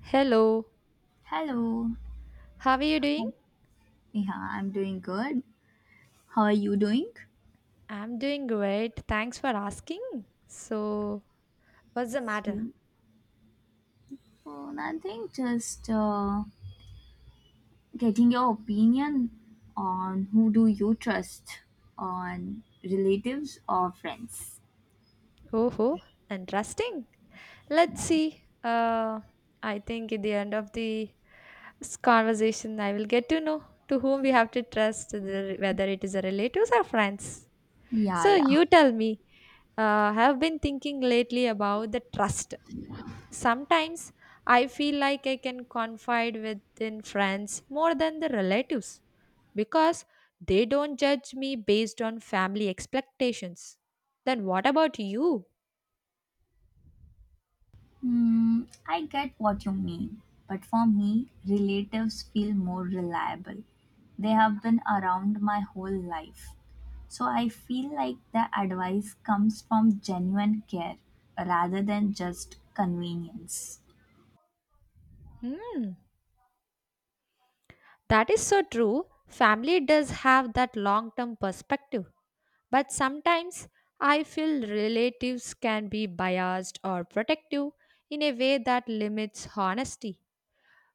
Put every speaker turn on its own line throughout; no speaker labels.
Hello,
Hello.
how are you doing?
Yeah, I'm doing good. How are you doing?
I'm doing great. Thanks for asking. So, what's the matter?
So, nothing, just getting your opinion on who do you trust on relatives or friends.
Oh, ho, interesting. Let's see. I think at the end of the conversation, I will get to know to whom we have to trust, whether it is a relatives or friends.
Yeah,
So,
yeah.
you tell me. I have been thinking lately about the trust. Sometimes I feel like I can confide within friends more than the relatives because they don't judge me based on family expectations. Then what about you?
Hmm, I get what you mean, but for me, relatives feel more reliable. They have been around my whole life. So I feel like the advice comes from genuine care rather than just convenience.
Hmm, that is so true. Family does have that long term perspective, but sometimes I feel relatives can be biased or protective in a way that limits honesty.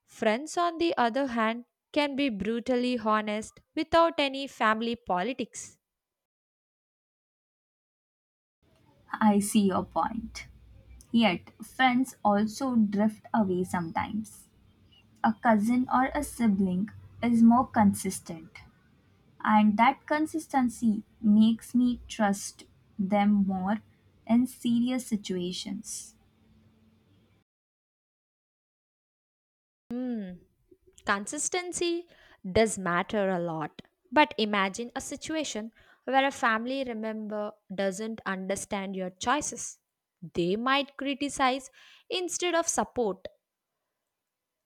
Friends, on the other hand, can be brutally honest without any family politics.
I see your point. Yet, friends also drift away sometimes. A cousin or a sibling is more consistent, and that consistency makes me trust them more in serious situations.
Hmm. Consistency does matter a lot. But imagine a situation where a family member doesn't understand your choices. They might criticize instead of support.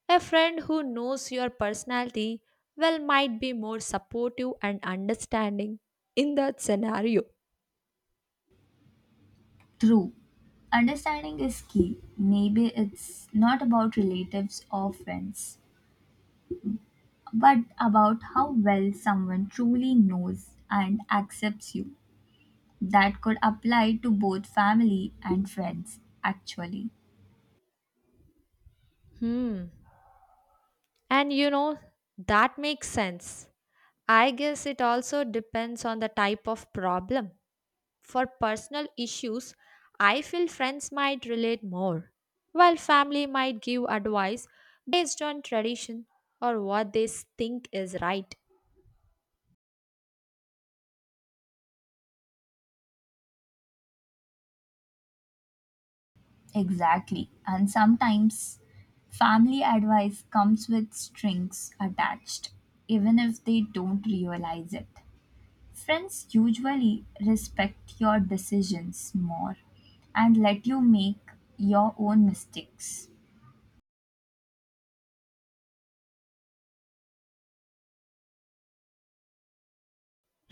A friend who knows your personality well might be more supportive and understanding in that scenario.
True, understanding is key. Maybe it's not about relatives or friends, but about how well someone truly knows and accepts you. That could apply to both family and friends, actually.
Hmm. And you know, that makes sense. I guess it also depends on the type of problem. For personal issues, I feel friends might relate more, while family might give advice based on tradition or what they think is right.
Exactly. And sometimes family advice comes with strings attached, even if they don't realize it. Friends usually respect your decisions more and let you make your own mistakes.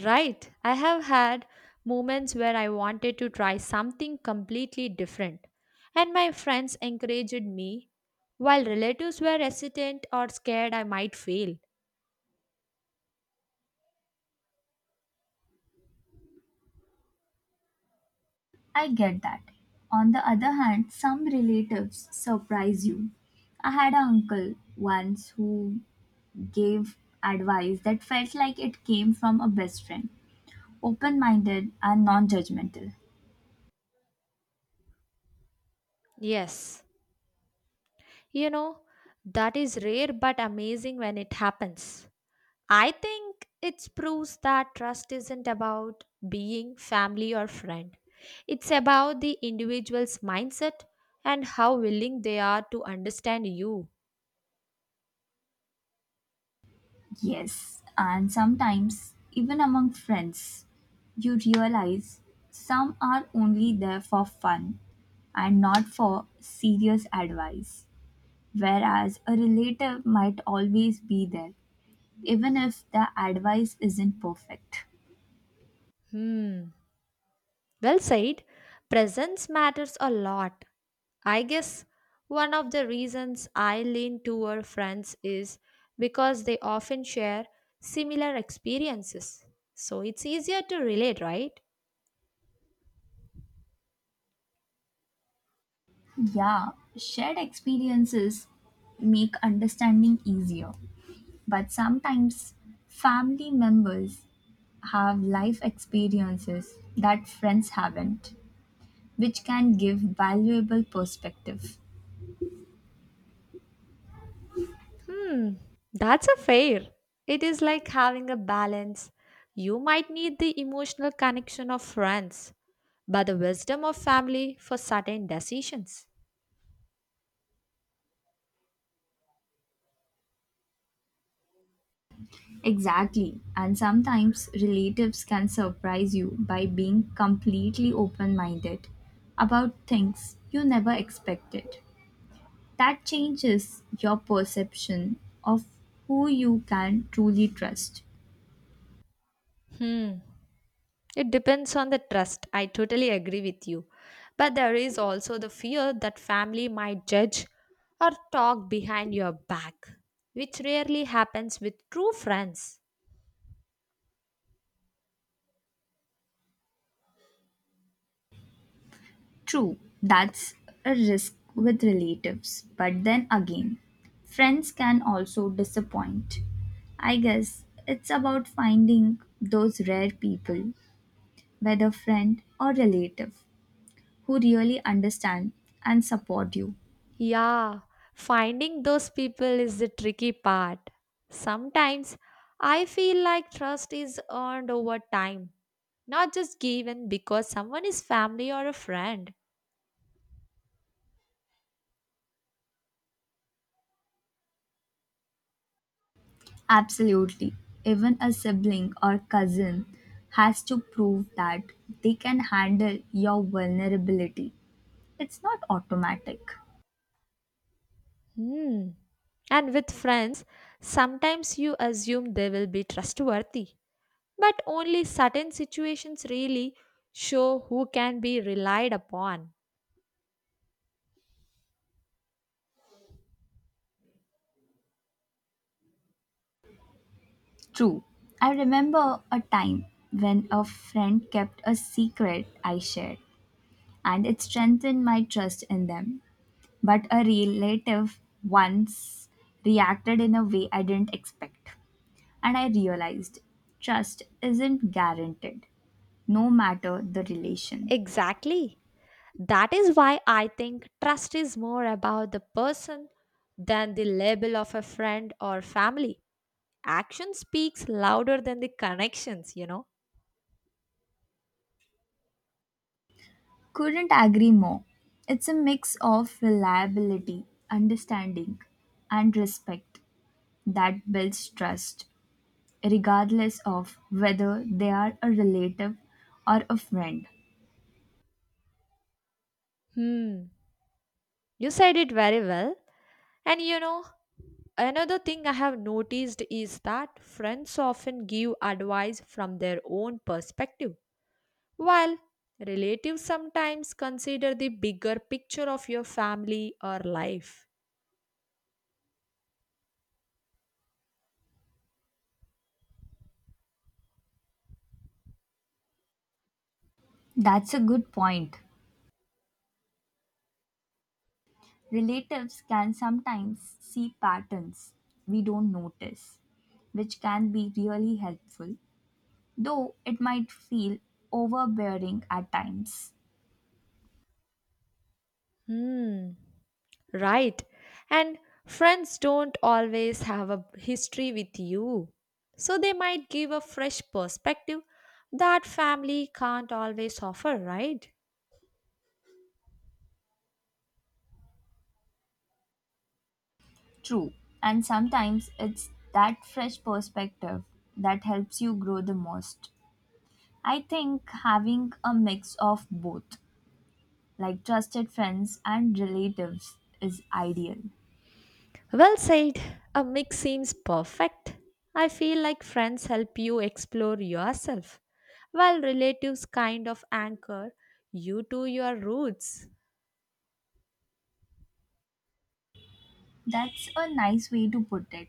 Right, I have had moments where I wanted to try something completely different, and my friends encouraged me, while relatives were hesitant or scared I might fail.
I get that. On the other hand, some relatives surprise you. I had an uncle once who gave advice that felt like it came from a best friend. Open minded and non judgmental.
Yes, you know, that is rare but amazing when it happens. I think it proves that trust isn't about being family or friend. It's about the individual's mindset and how willing they are to understand you.
Yes, and sometimes, even among friends, you realize some are only there for fun and not for serious advice, whereas a relative might always be there, even if the advice isn't perfect.
Hmm. Well said. Presence matters a lot. I guess one of the reasons I lean toward friends is because they often share similar experiences. So it's easier to relate, right?
Yeah, shared experiences make understanding easier, but sometimes family members have life experiences that friends haven't, which can give valuable perspective.
Hmm, that's a fair. It is like having a balance. You might need the emotional connection of friends, but the wisdom of family for certain decisions.
Exactly, and sometimes relatives can surprise you by being completely open minded about things you never expected. That changes your perception of who you can truly trust.
It depends on the trust. I totally agree with you. But there is also the fear that family might judge or talk behind your back, which rarely happens with true friends.
True, that's a risk with relatives, but then again, friends can also disappoint. I guess it's about finding those rare people, whether friend or relative, who really understand and support you.
Yeah, finding those people is the tricky part. Sometimes I feel like trust is earned over time, not just given because someone is family or a friend.
Absolutely. Even a sibling or cousin has to prove that they can handle your vulnerability. It's not automatic.
Hmm. And with friends, sometimes you assume they will be trustworthy. But only certain situations really show who can be relied upon.
True. I remember a time when a friend kept a secret I shared, and it strengthened my trust in them. But a relative once reacted in a way I didn't expect, and I realized trust isn't guaranteed no matter the relation.
Exactly. That is why I think trust is more about the person than the label of a friend or family. Action speaks louder than the connections, you know.
Couldn't agree more. It's a mix of reliability, understanding, and respect that builds trust, regardless of whether they are a relative or a friend.
Hmm. You said it very well. And you know, another thing I have noticed is that friends often give advice from their own perspective, while relatives sometimes consider the bigger picture of your family or life.
That's a good point. Relatives can sometimes see patterns we don't notice, which can be really helpful, though it might feel overbearing at times.
Hmm. Right. And friends don't always have a history with you. So they might give a fresh perspective that family can't always offer, right?
True. And sometimes it's that fresh perspective that helps you grow the most. I think having a mix of both, like trusted friends and relatives, is ideal.
Well said. A mix seems perfect. I feel like friends help you explore yourself, while relatives kind of anchor you to your roots.
That's a nice way to put it.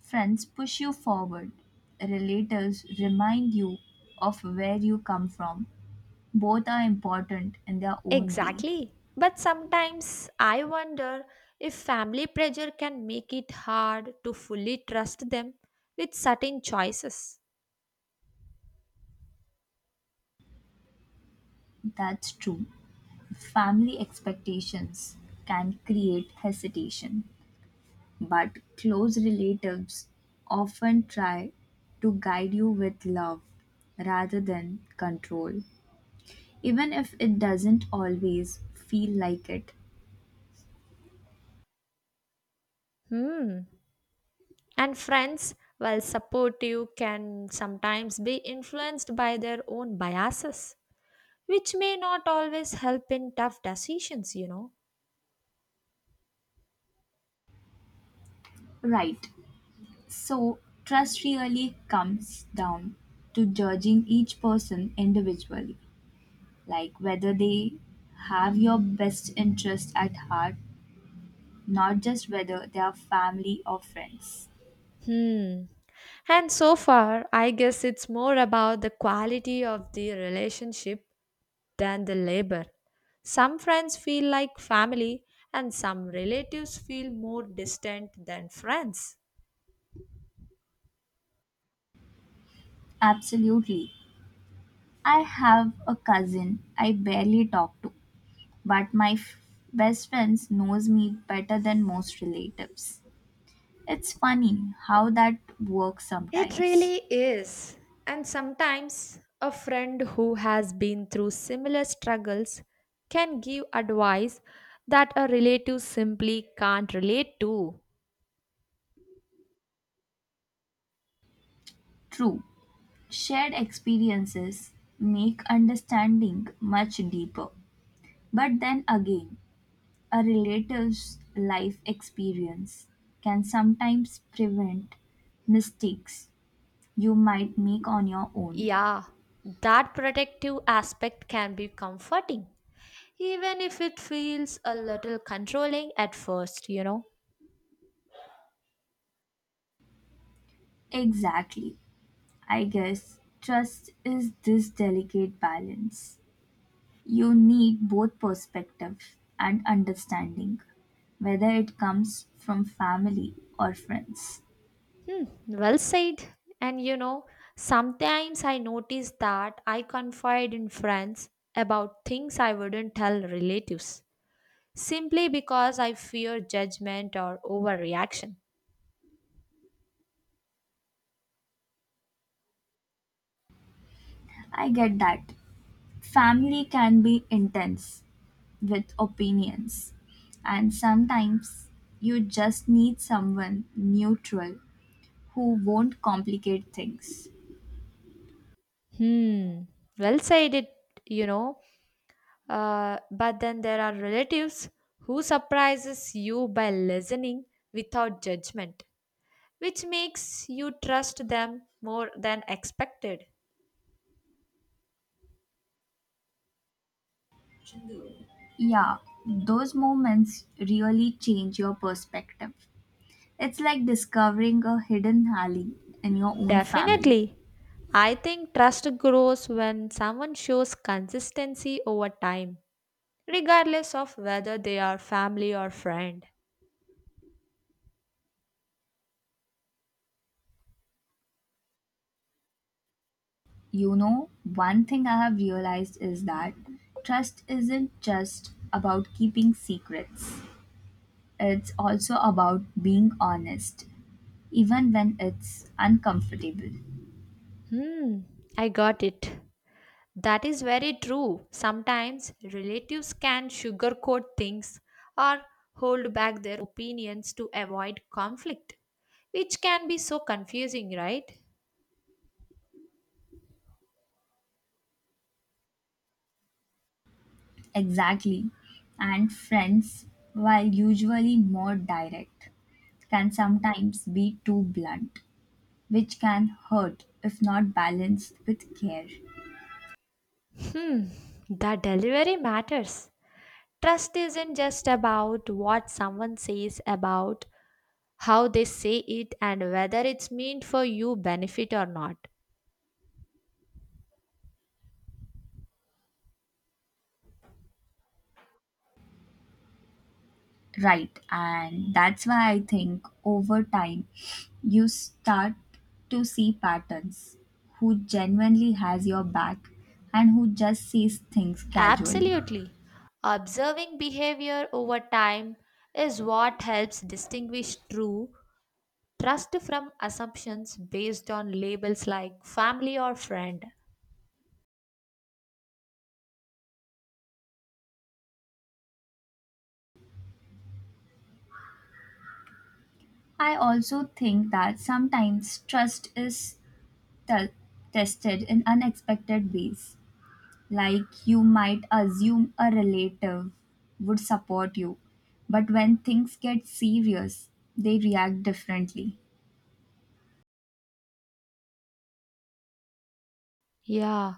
Friends push you forward, relatives remind you of where you come from. Both are important in their own way.
Exactly. But sometimes I wonder if family pressure can make it hard to fully trust them with certain choices.
That's true. Family expectations can create hesitation, but close relatives often try to guide you with love rather than control, even if it doesn't always feel like it.
Hmm. And friends, while supportive, can sometimes be influenced by their own biases, which may not always help in tough decisions, you know.
Right, so trust really comes down to judging each person individually, like whether they have your best interest at heart, not just whether they are family or friends.
Hmm. And so far, I guess it's more about the quality of the relationship than the labor. Some friends feel like family, and some relatives feel more distant than friends.
Absolutely. I have a cousin I barely talk to, but my best friends knows me better than most relatives. It's funny how that works
It
sometimes.
really is. And sometimes a friend who has been through similar struggles can give advice that a relative simply can't relate to.
True, shared experiences make understanding much deeper. But then again, a relative's life experience can sometimes prevent mistakes you might make on your own.
Yeah, that protective aspect can be comforting, even if it feels a little controlling at first, you know.
Exactly. I guess trust is this delicate balance. You need both perspective and understanding, whether it comes from family or friends.
Hmm, well said. And you know, sometimes I notice that I confide in friends about things I wouldn't tell relatives simply because I fear judgment or overreaction.
I get that. Family can be intense with opinions, and sometimes you just need someone neutral who won't complicate things.
Hmm, well said it, you know. But then there are relatives who surprises you by listening without judgment, which makes you trust them more than expected.
Yeah, those moments really change your perspective. It's like discovering a hidden alley in your own family.
Definitely. I think trust grows when someone shows consistency over time, regardless of whether they are family or friend.
You know, one thing I have realized is that trust isn't just about keeping secrets, it's also about being honest, even when it's uncomfortable.
Hmm, I got it. That is very true. Sometimes relatives can sugarcoat things or hold back their opinions to avoid conflict, which can be so confusing, right?
Exactly. And friends, while usually more direct, can sometimes be too blunt, which can hurt if not balanced with care.
The delivery matters. Trust isn't just about what someone says about how they say it and whether it's meant for you benefit or not.
Right. And that's why I think over time you start to see patterns, who genuinely has your back and who just sees things casually.
Absolutely. Observing behavior over time is what helps distinguish true trust from assumptions based on labels like family or friend.
I also think that sometimes trust is te- tested in unexpected ways. Like you might assume a relative would support you, but when things get serious, they react differently.
Yeah,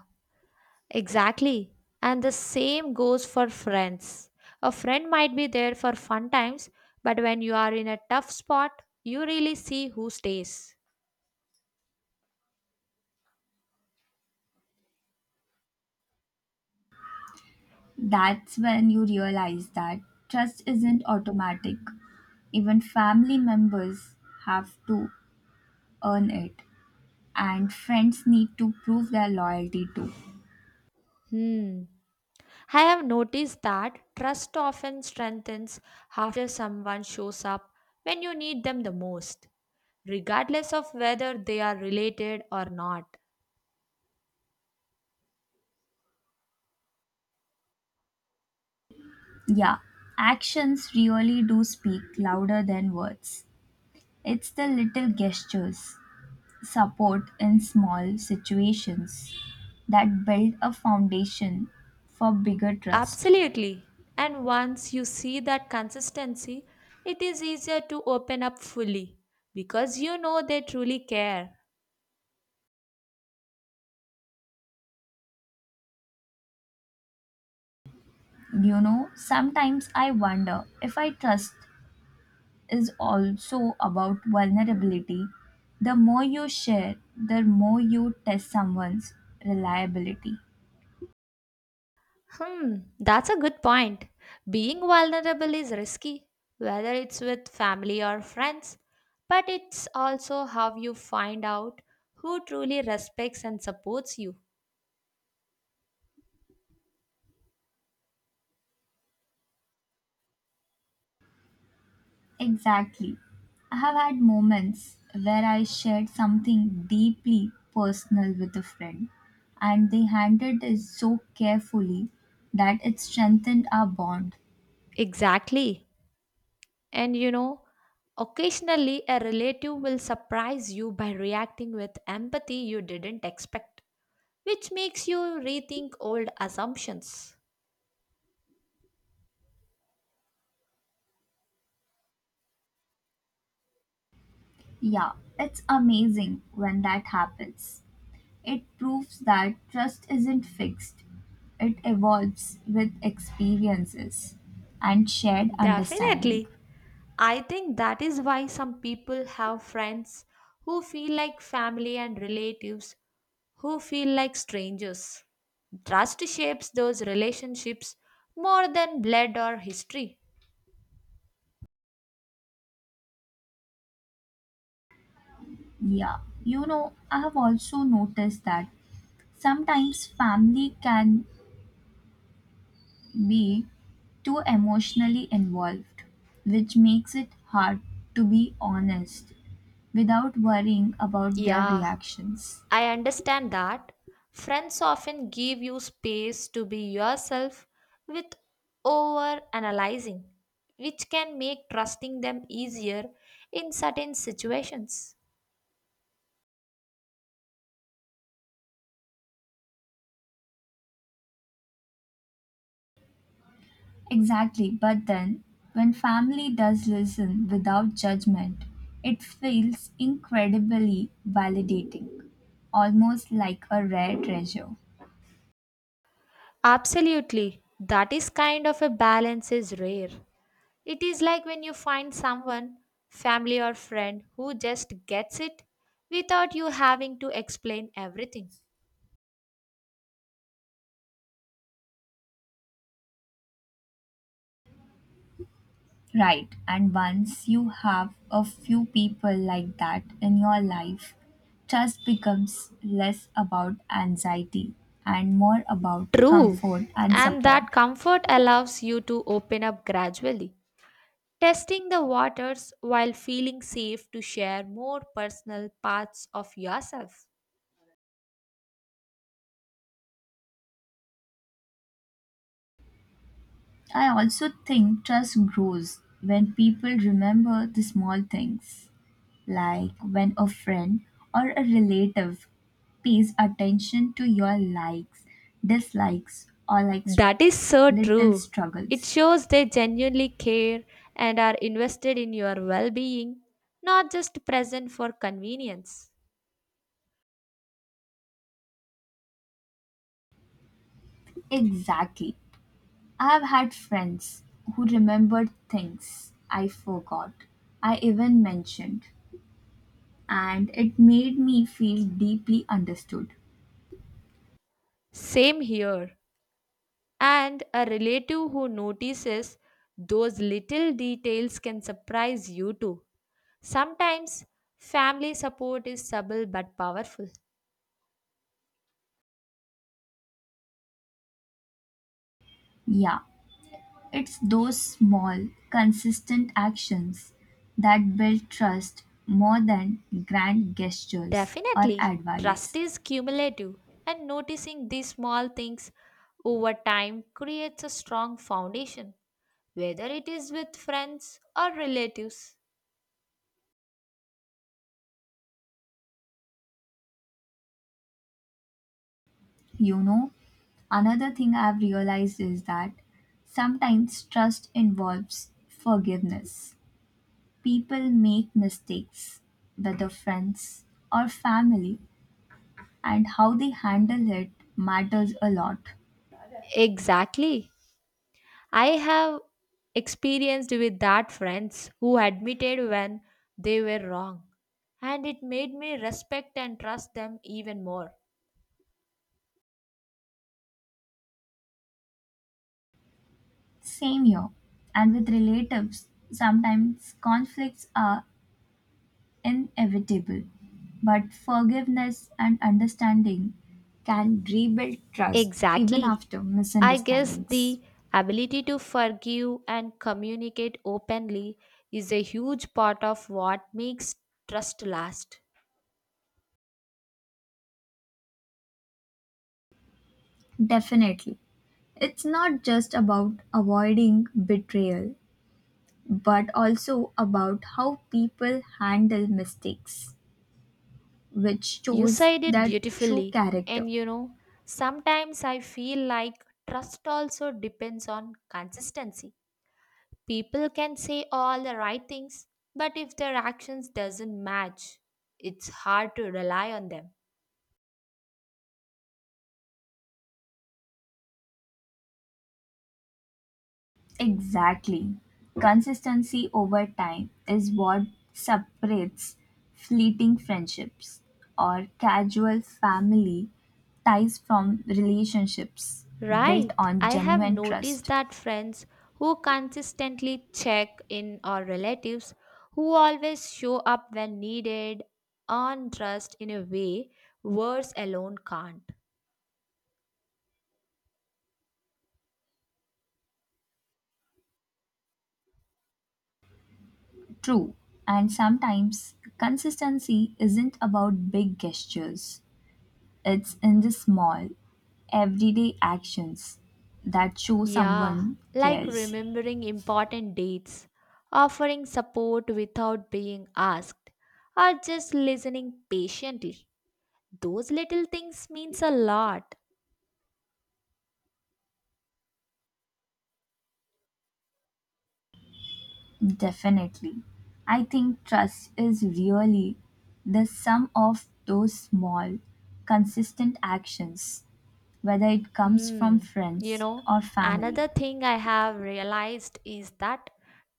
exactly. And the same goes for friends. A friend might be there for fun times, but when you are in a tough spot, you really see who stays.
That's when you realize that trust isn't automatic. Even family members have to earn it, and friends need to prove their loyalty too.
Hmm. I have noticed that trust often strengthens after someone shows up when you need them the most, regardless of whether they are related or not.
Yeah, actions really do speak louder than words. It's the little gestures, support in small situations that build a foundation for bigger trust.
Absolutely. And once you see that consistency, it is easier to open up fully because you know they truly care.
You know, sometimes I wonder if I trust is also about vulnerability. The more you share, the more you test someone's reliability.
Hmm, that's a good point. Being vulnerable is risky, whether it's with family or friends, but it's also how you find out who truly respects and supports you.
Exactly. I have had moments where I shared something deeply personal with a friend, and they handled it so carefully that it strengthened our bond.
Exactly. And you know, occasionally a relative will surprise you by reacting with empathy you didn't expect, which makes you rethink old assumptions.
Yeah, it's amazing when that happens. It proves that trust isn't fixed, it evolves with experiences and shared understanding.
Definitely. I think that is why some people have friends who feel like family and relatives who feel like strangers. Trust shapes those relationships more than blood or history.
Yeah, you know, I have also noticed that sometimes family can be too emotionally involved, which makes it hard to be honest without worrying about their
Yeah,
reactions.
I understand that. Friends often give you space to be yourself with over analyzing, which can make trusting them easier in certain situations.
Exactly, but then when family does listen without judgment, it feels incredibly validating, almost like a rare treasure.
Absolutely. That is kind of a balance is rare. It is like when you find someone, family or friend, who just gets it without you having to explain everything.
Right, and once you have a few people like that in your life, trust becomes less about anxiety and more about
True.
comfort and
And
support.
that comfort allows you to open up gradually, testing the waters while feeling safe to share more personal parts of yourself.
I also think trust grows when people remember the small things, like when a friend or a relative pays attention to your likes, dislikes, or
That is so
little
true. It
struggles.
shows they genuinely care and are invested in your well being, not just present for convenience.
Exactly. I have had friends who remembered things I forgot, I even mentioned, and it made me feel deeply understood.
Same here. And a relative who notices those little details can surprise you too. Sometimes family support is subtle but powerful.
Yeah, it's those small, consistent actions that build trust more than grand gestures or
Definitely, trust
advice.
is cumulative, and noticing these small things over time creates a strong foundation, whether it is with friends or relatives.
You know, another thing I've realized is that sometimes trust involves forgiveness. People make mistakes, whether friends or family, and how they handle it matters a lot.
Exactly. I have experienced with that friends who admitted when they were wrong, and it made me respect and trust them even more.
Same here. And with relatives, sometimes conflicts are inevitable, but forgiveness and understanding can rebuild trust even
Exactly.
after
I guess
misunderstandings.
the ability to forgive and communicate openly is a huge part of what makes trust last.
Definitely. It's not just about avoiding betrayal, but also about how people handle mistakes, which
You
shows
said it
their true
beautifully.
character.
And you know, sometimes I feel like trust also depends on consistency. People can say all the right things, but if their actions doesn't match, it's hard to rely on them.
Exactly. Consistency over time is what separates fleeting friendships or casual family ties from relationships built
Right.
on
I have
genuine
noticed
trust.
that friends who consistently check in or relatives who always show up when needed earn trust in a way words alone can't.
True. And sometimes consistency isn't about big gestures, it's in the small, everyday actions that show
Yeah,
someone
like
cares.
remembering important dates, offering support without being asked, or just listening patiently. Those little things means a lot.
Definitely. I think trust is really the sum of those small, consistent actions, whether it comes from
Hmm. You
friends
know,
or family.
another thing I have realized is that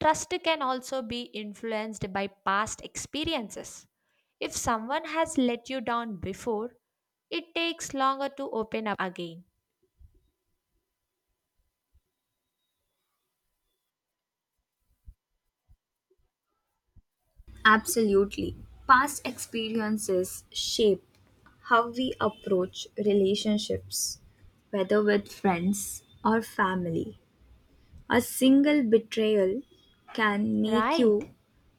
trust can also be influenced by past experiences. If someone has let you down before, it takes longer to open up again.
Absolutely. Past experiences shape how we approach relationships, whether with friends or family. A single betrayal can make you
Right.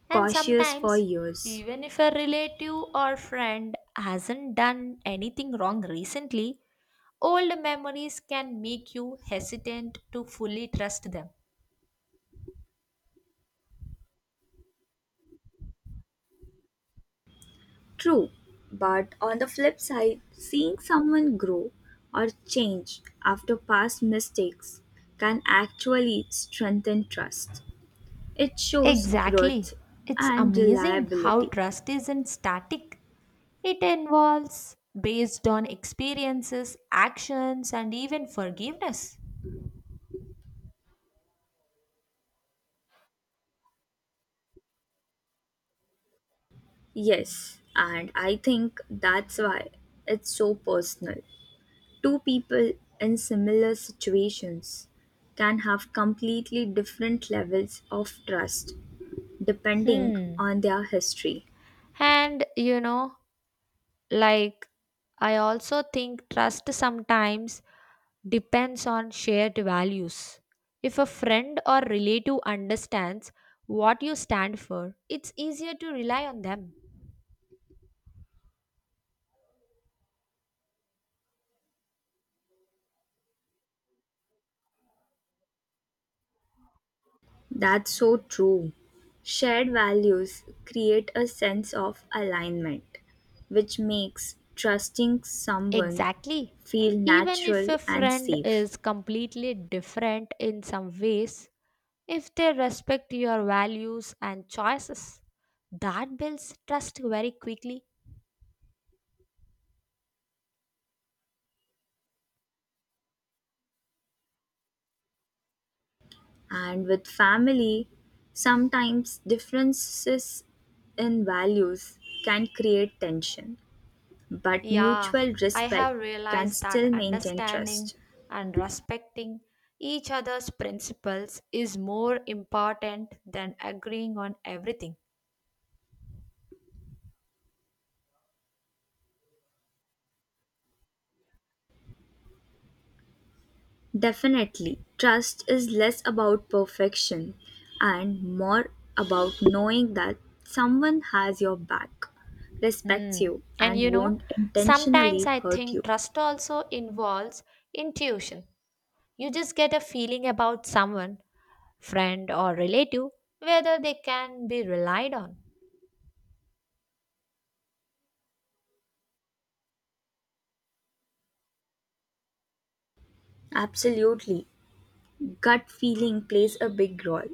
And
cautious for
sometimes,
years.
even if a relative or friend hasn't done anything wrong recently, old memories can make you hesitant to fully trust them.
True, but on the flip side, seeing someone grow or change after past mistakes can actually strengthen trust. It shows growth
Exactly. It's
and
amazing how
reliability.
trust isn't static. It involves based on experiences, actions, and even forgiveness.
Yes, and I think that's why it's so personal. Two people in similar situations can have completely different levels of trust depending
Hmm.
on their history.
And you know, Like, I also think trust sometimes depends on shared values. If a friend or relative understands what you stand for, it's easier to rely on them.
That's so true. Shared values create a sense of alignment, which makes trusting someone
Exactly.
feel
Even if
natural
a
and
friend
safe.
is completely different in some ways, if they respect your values and choices, that builds trust very quickly.
And with family, sometimes differences in values can create tension, but
Yeah,
mutual
I
respect
have
can
realized that
still maintain
understanding
trust.
and respecting each other's principles is more important than agreeing on everything.
Definitely, trust is less about perfection and more about knowing that someone has your back,
Hmm.
respects you,
And you
and
know,
won't
sometimes
intentionally
I
hurt
think
you.
trust also involves intuition. You just get a feeling about someone, friend or relative, whether they can be relied on.
Absolutely, gut feeling plays a big role.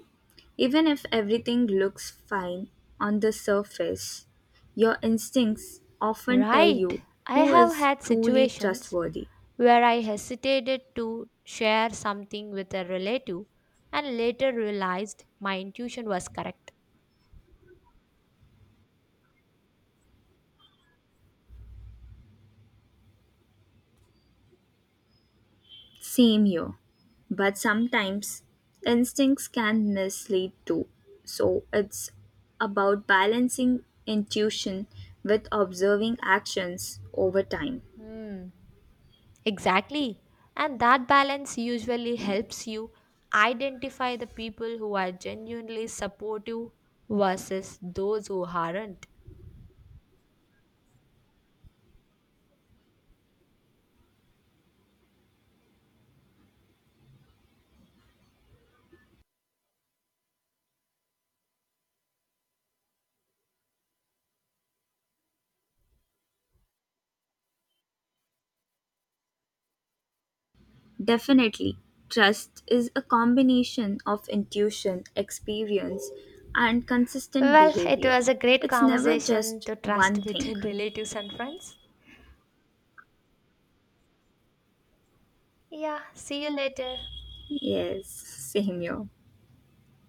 Even if everything looks fine on the surface, your instincts often tell
Right.
you
I
who
have
is
had
truly
situations
trustworthy.
where I hesitated to share something with a relative and later realized my intuition was correct.
Same here. But sometimes instincts can mislead too. So it's about balancing intuition with observing actions over time.
Hmm. Exactly. And that balance usually helps you identify the people who are genuinely supportive versus those who aren't.
Definitely, trust is a combination of intuition, experience, and consistent
Well, it
behavior.
was a great
It's never
conversation
just
to trust
one thing.
between relatives and friends. Yeah, see you later.
Yes, same here.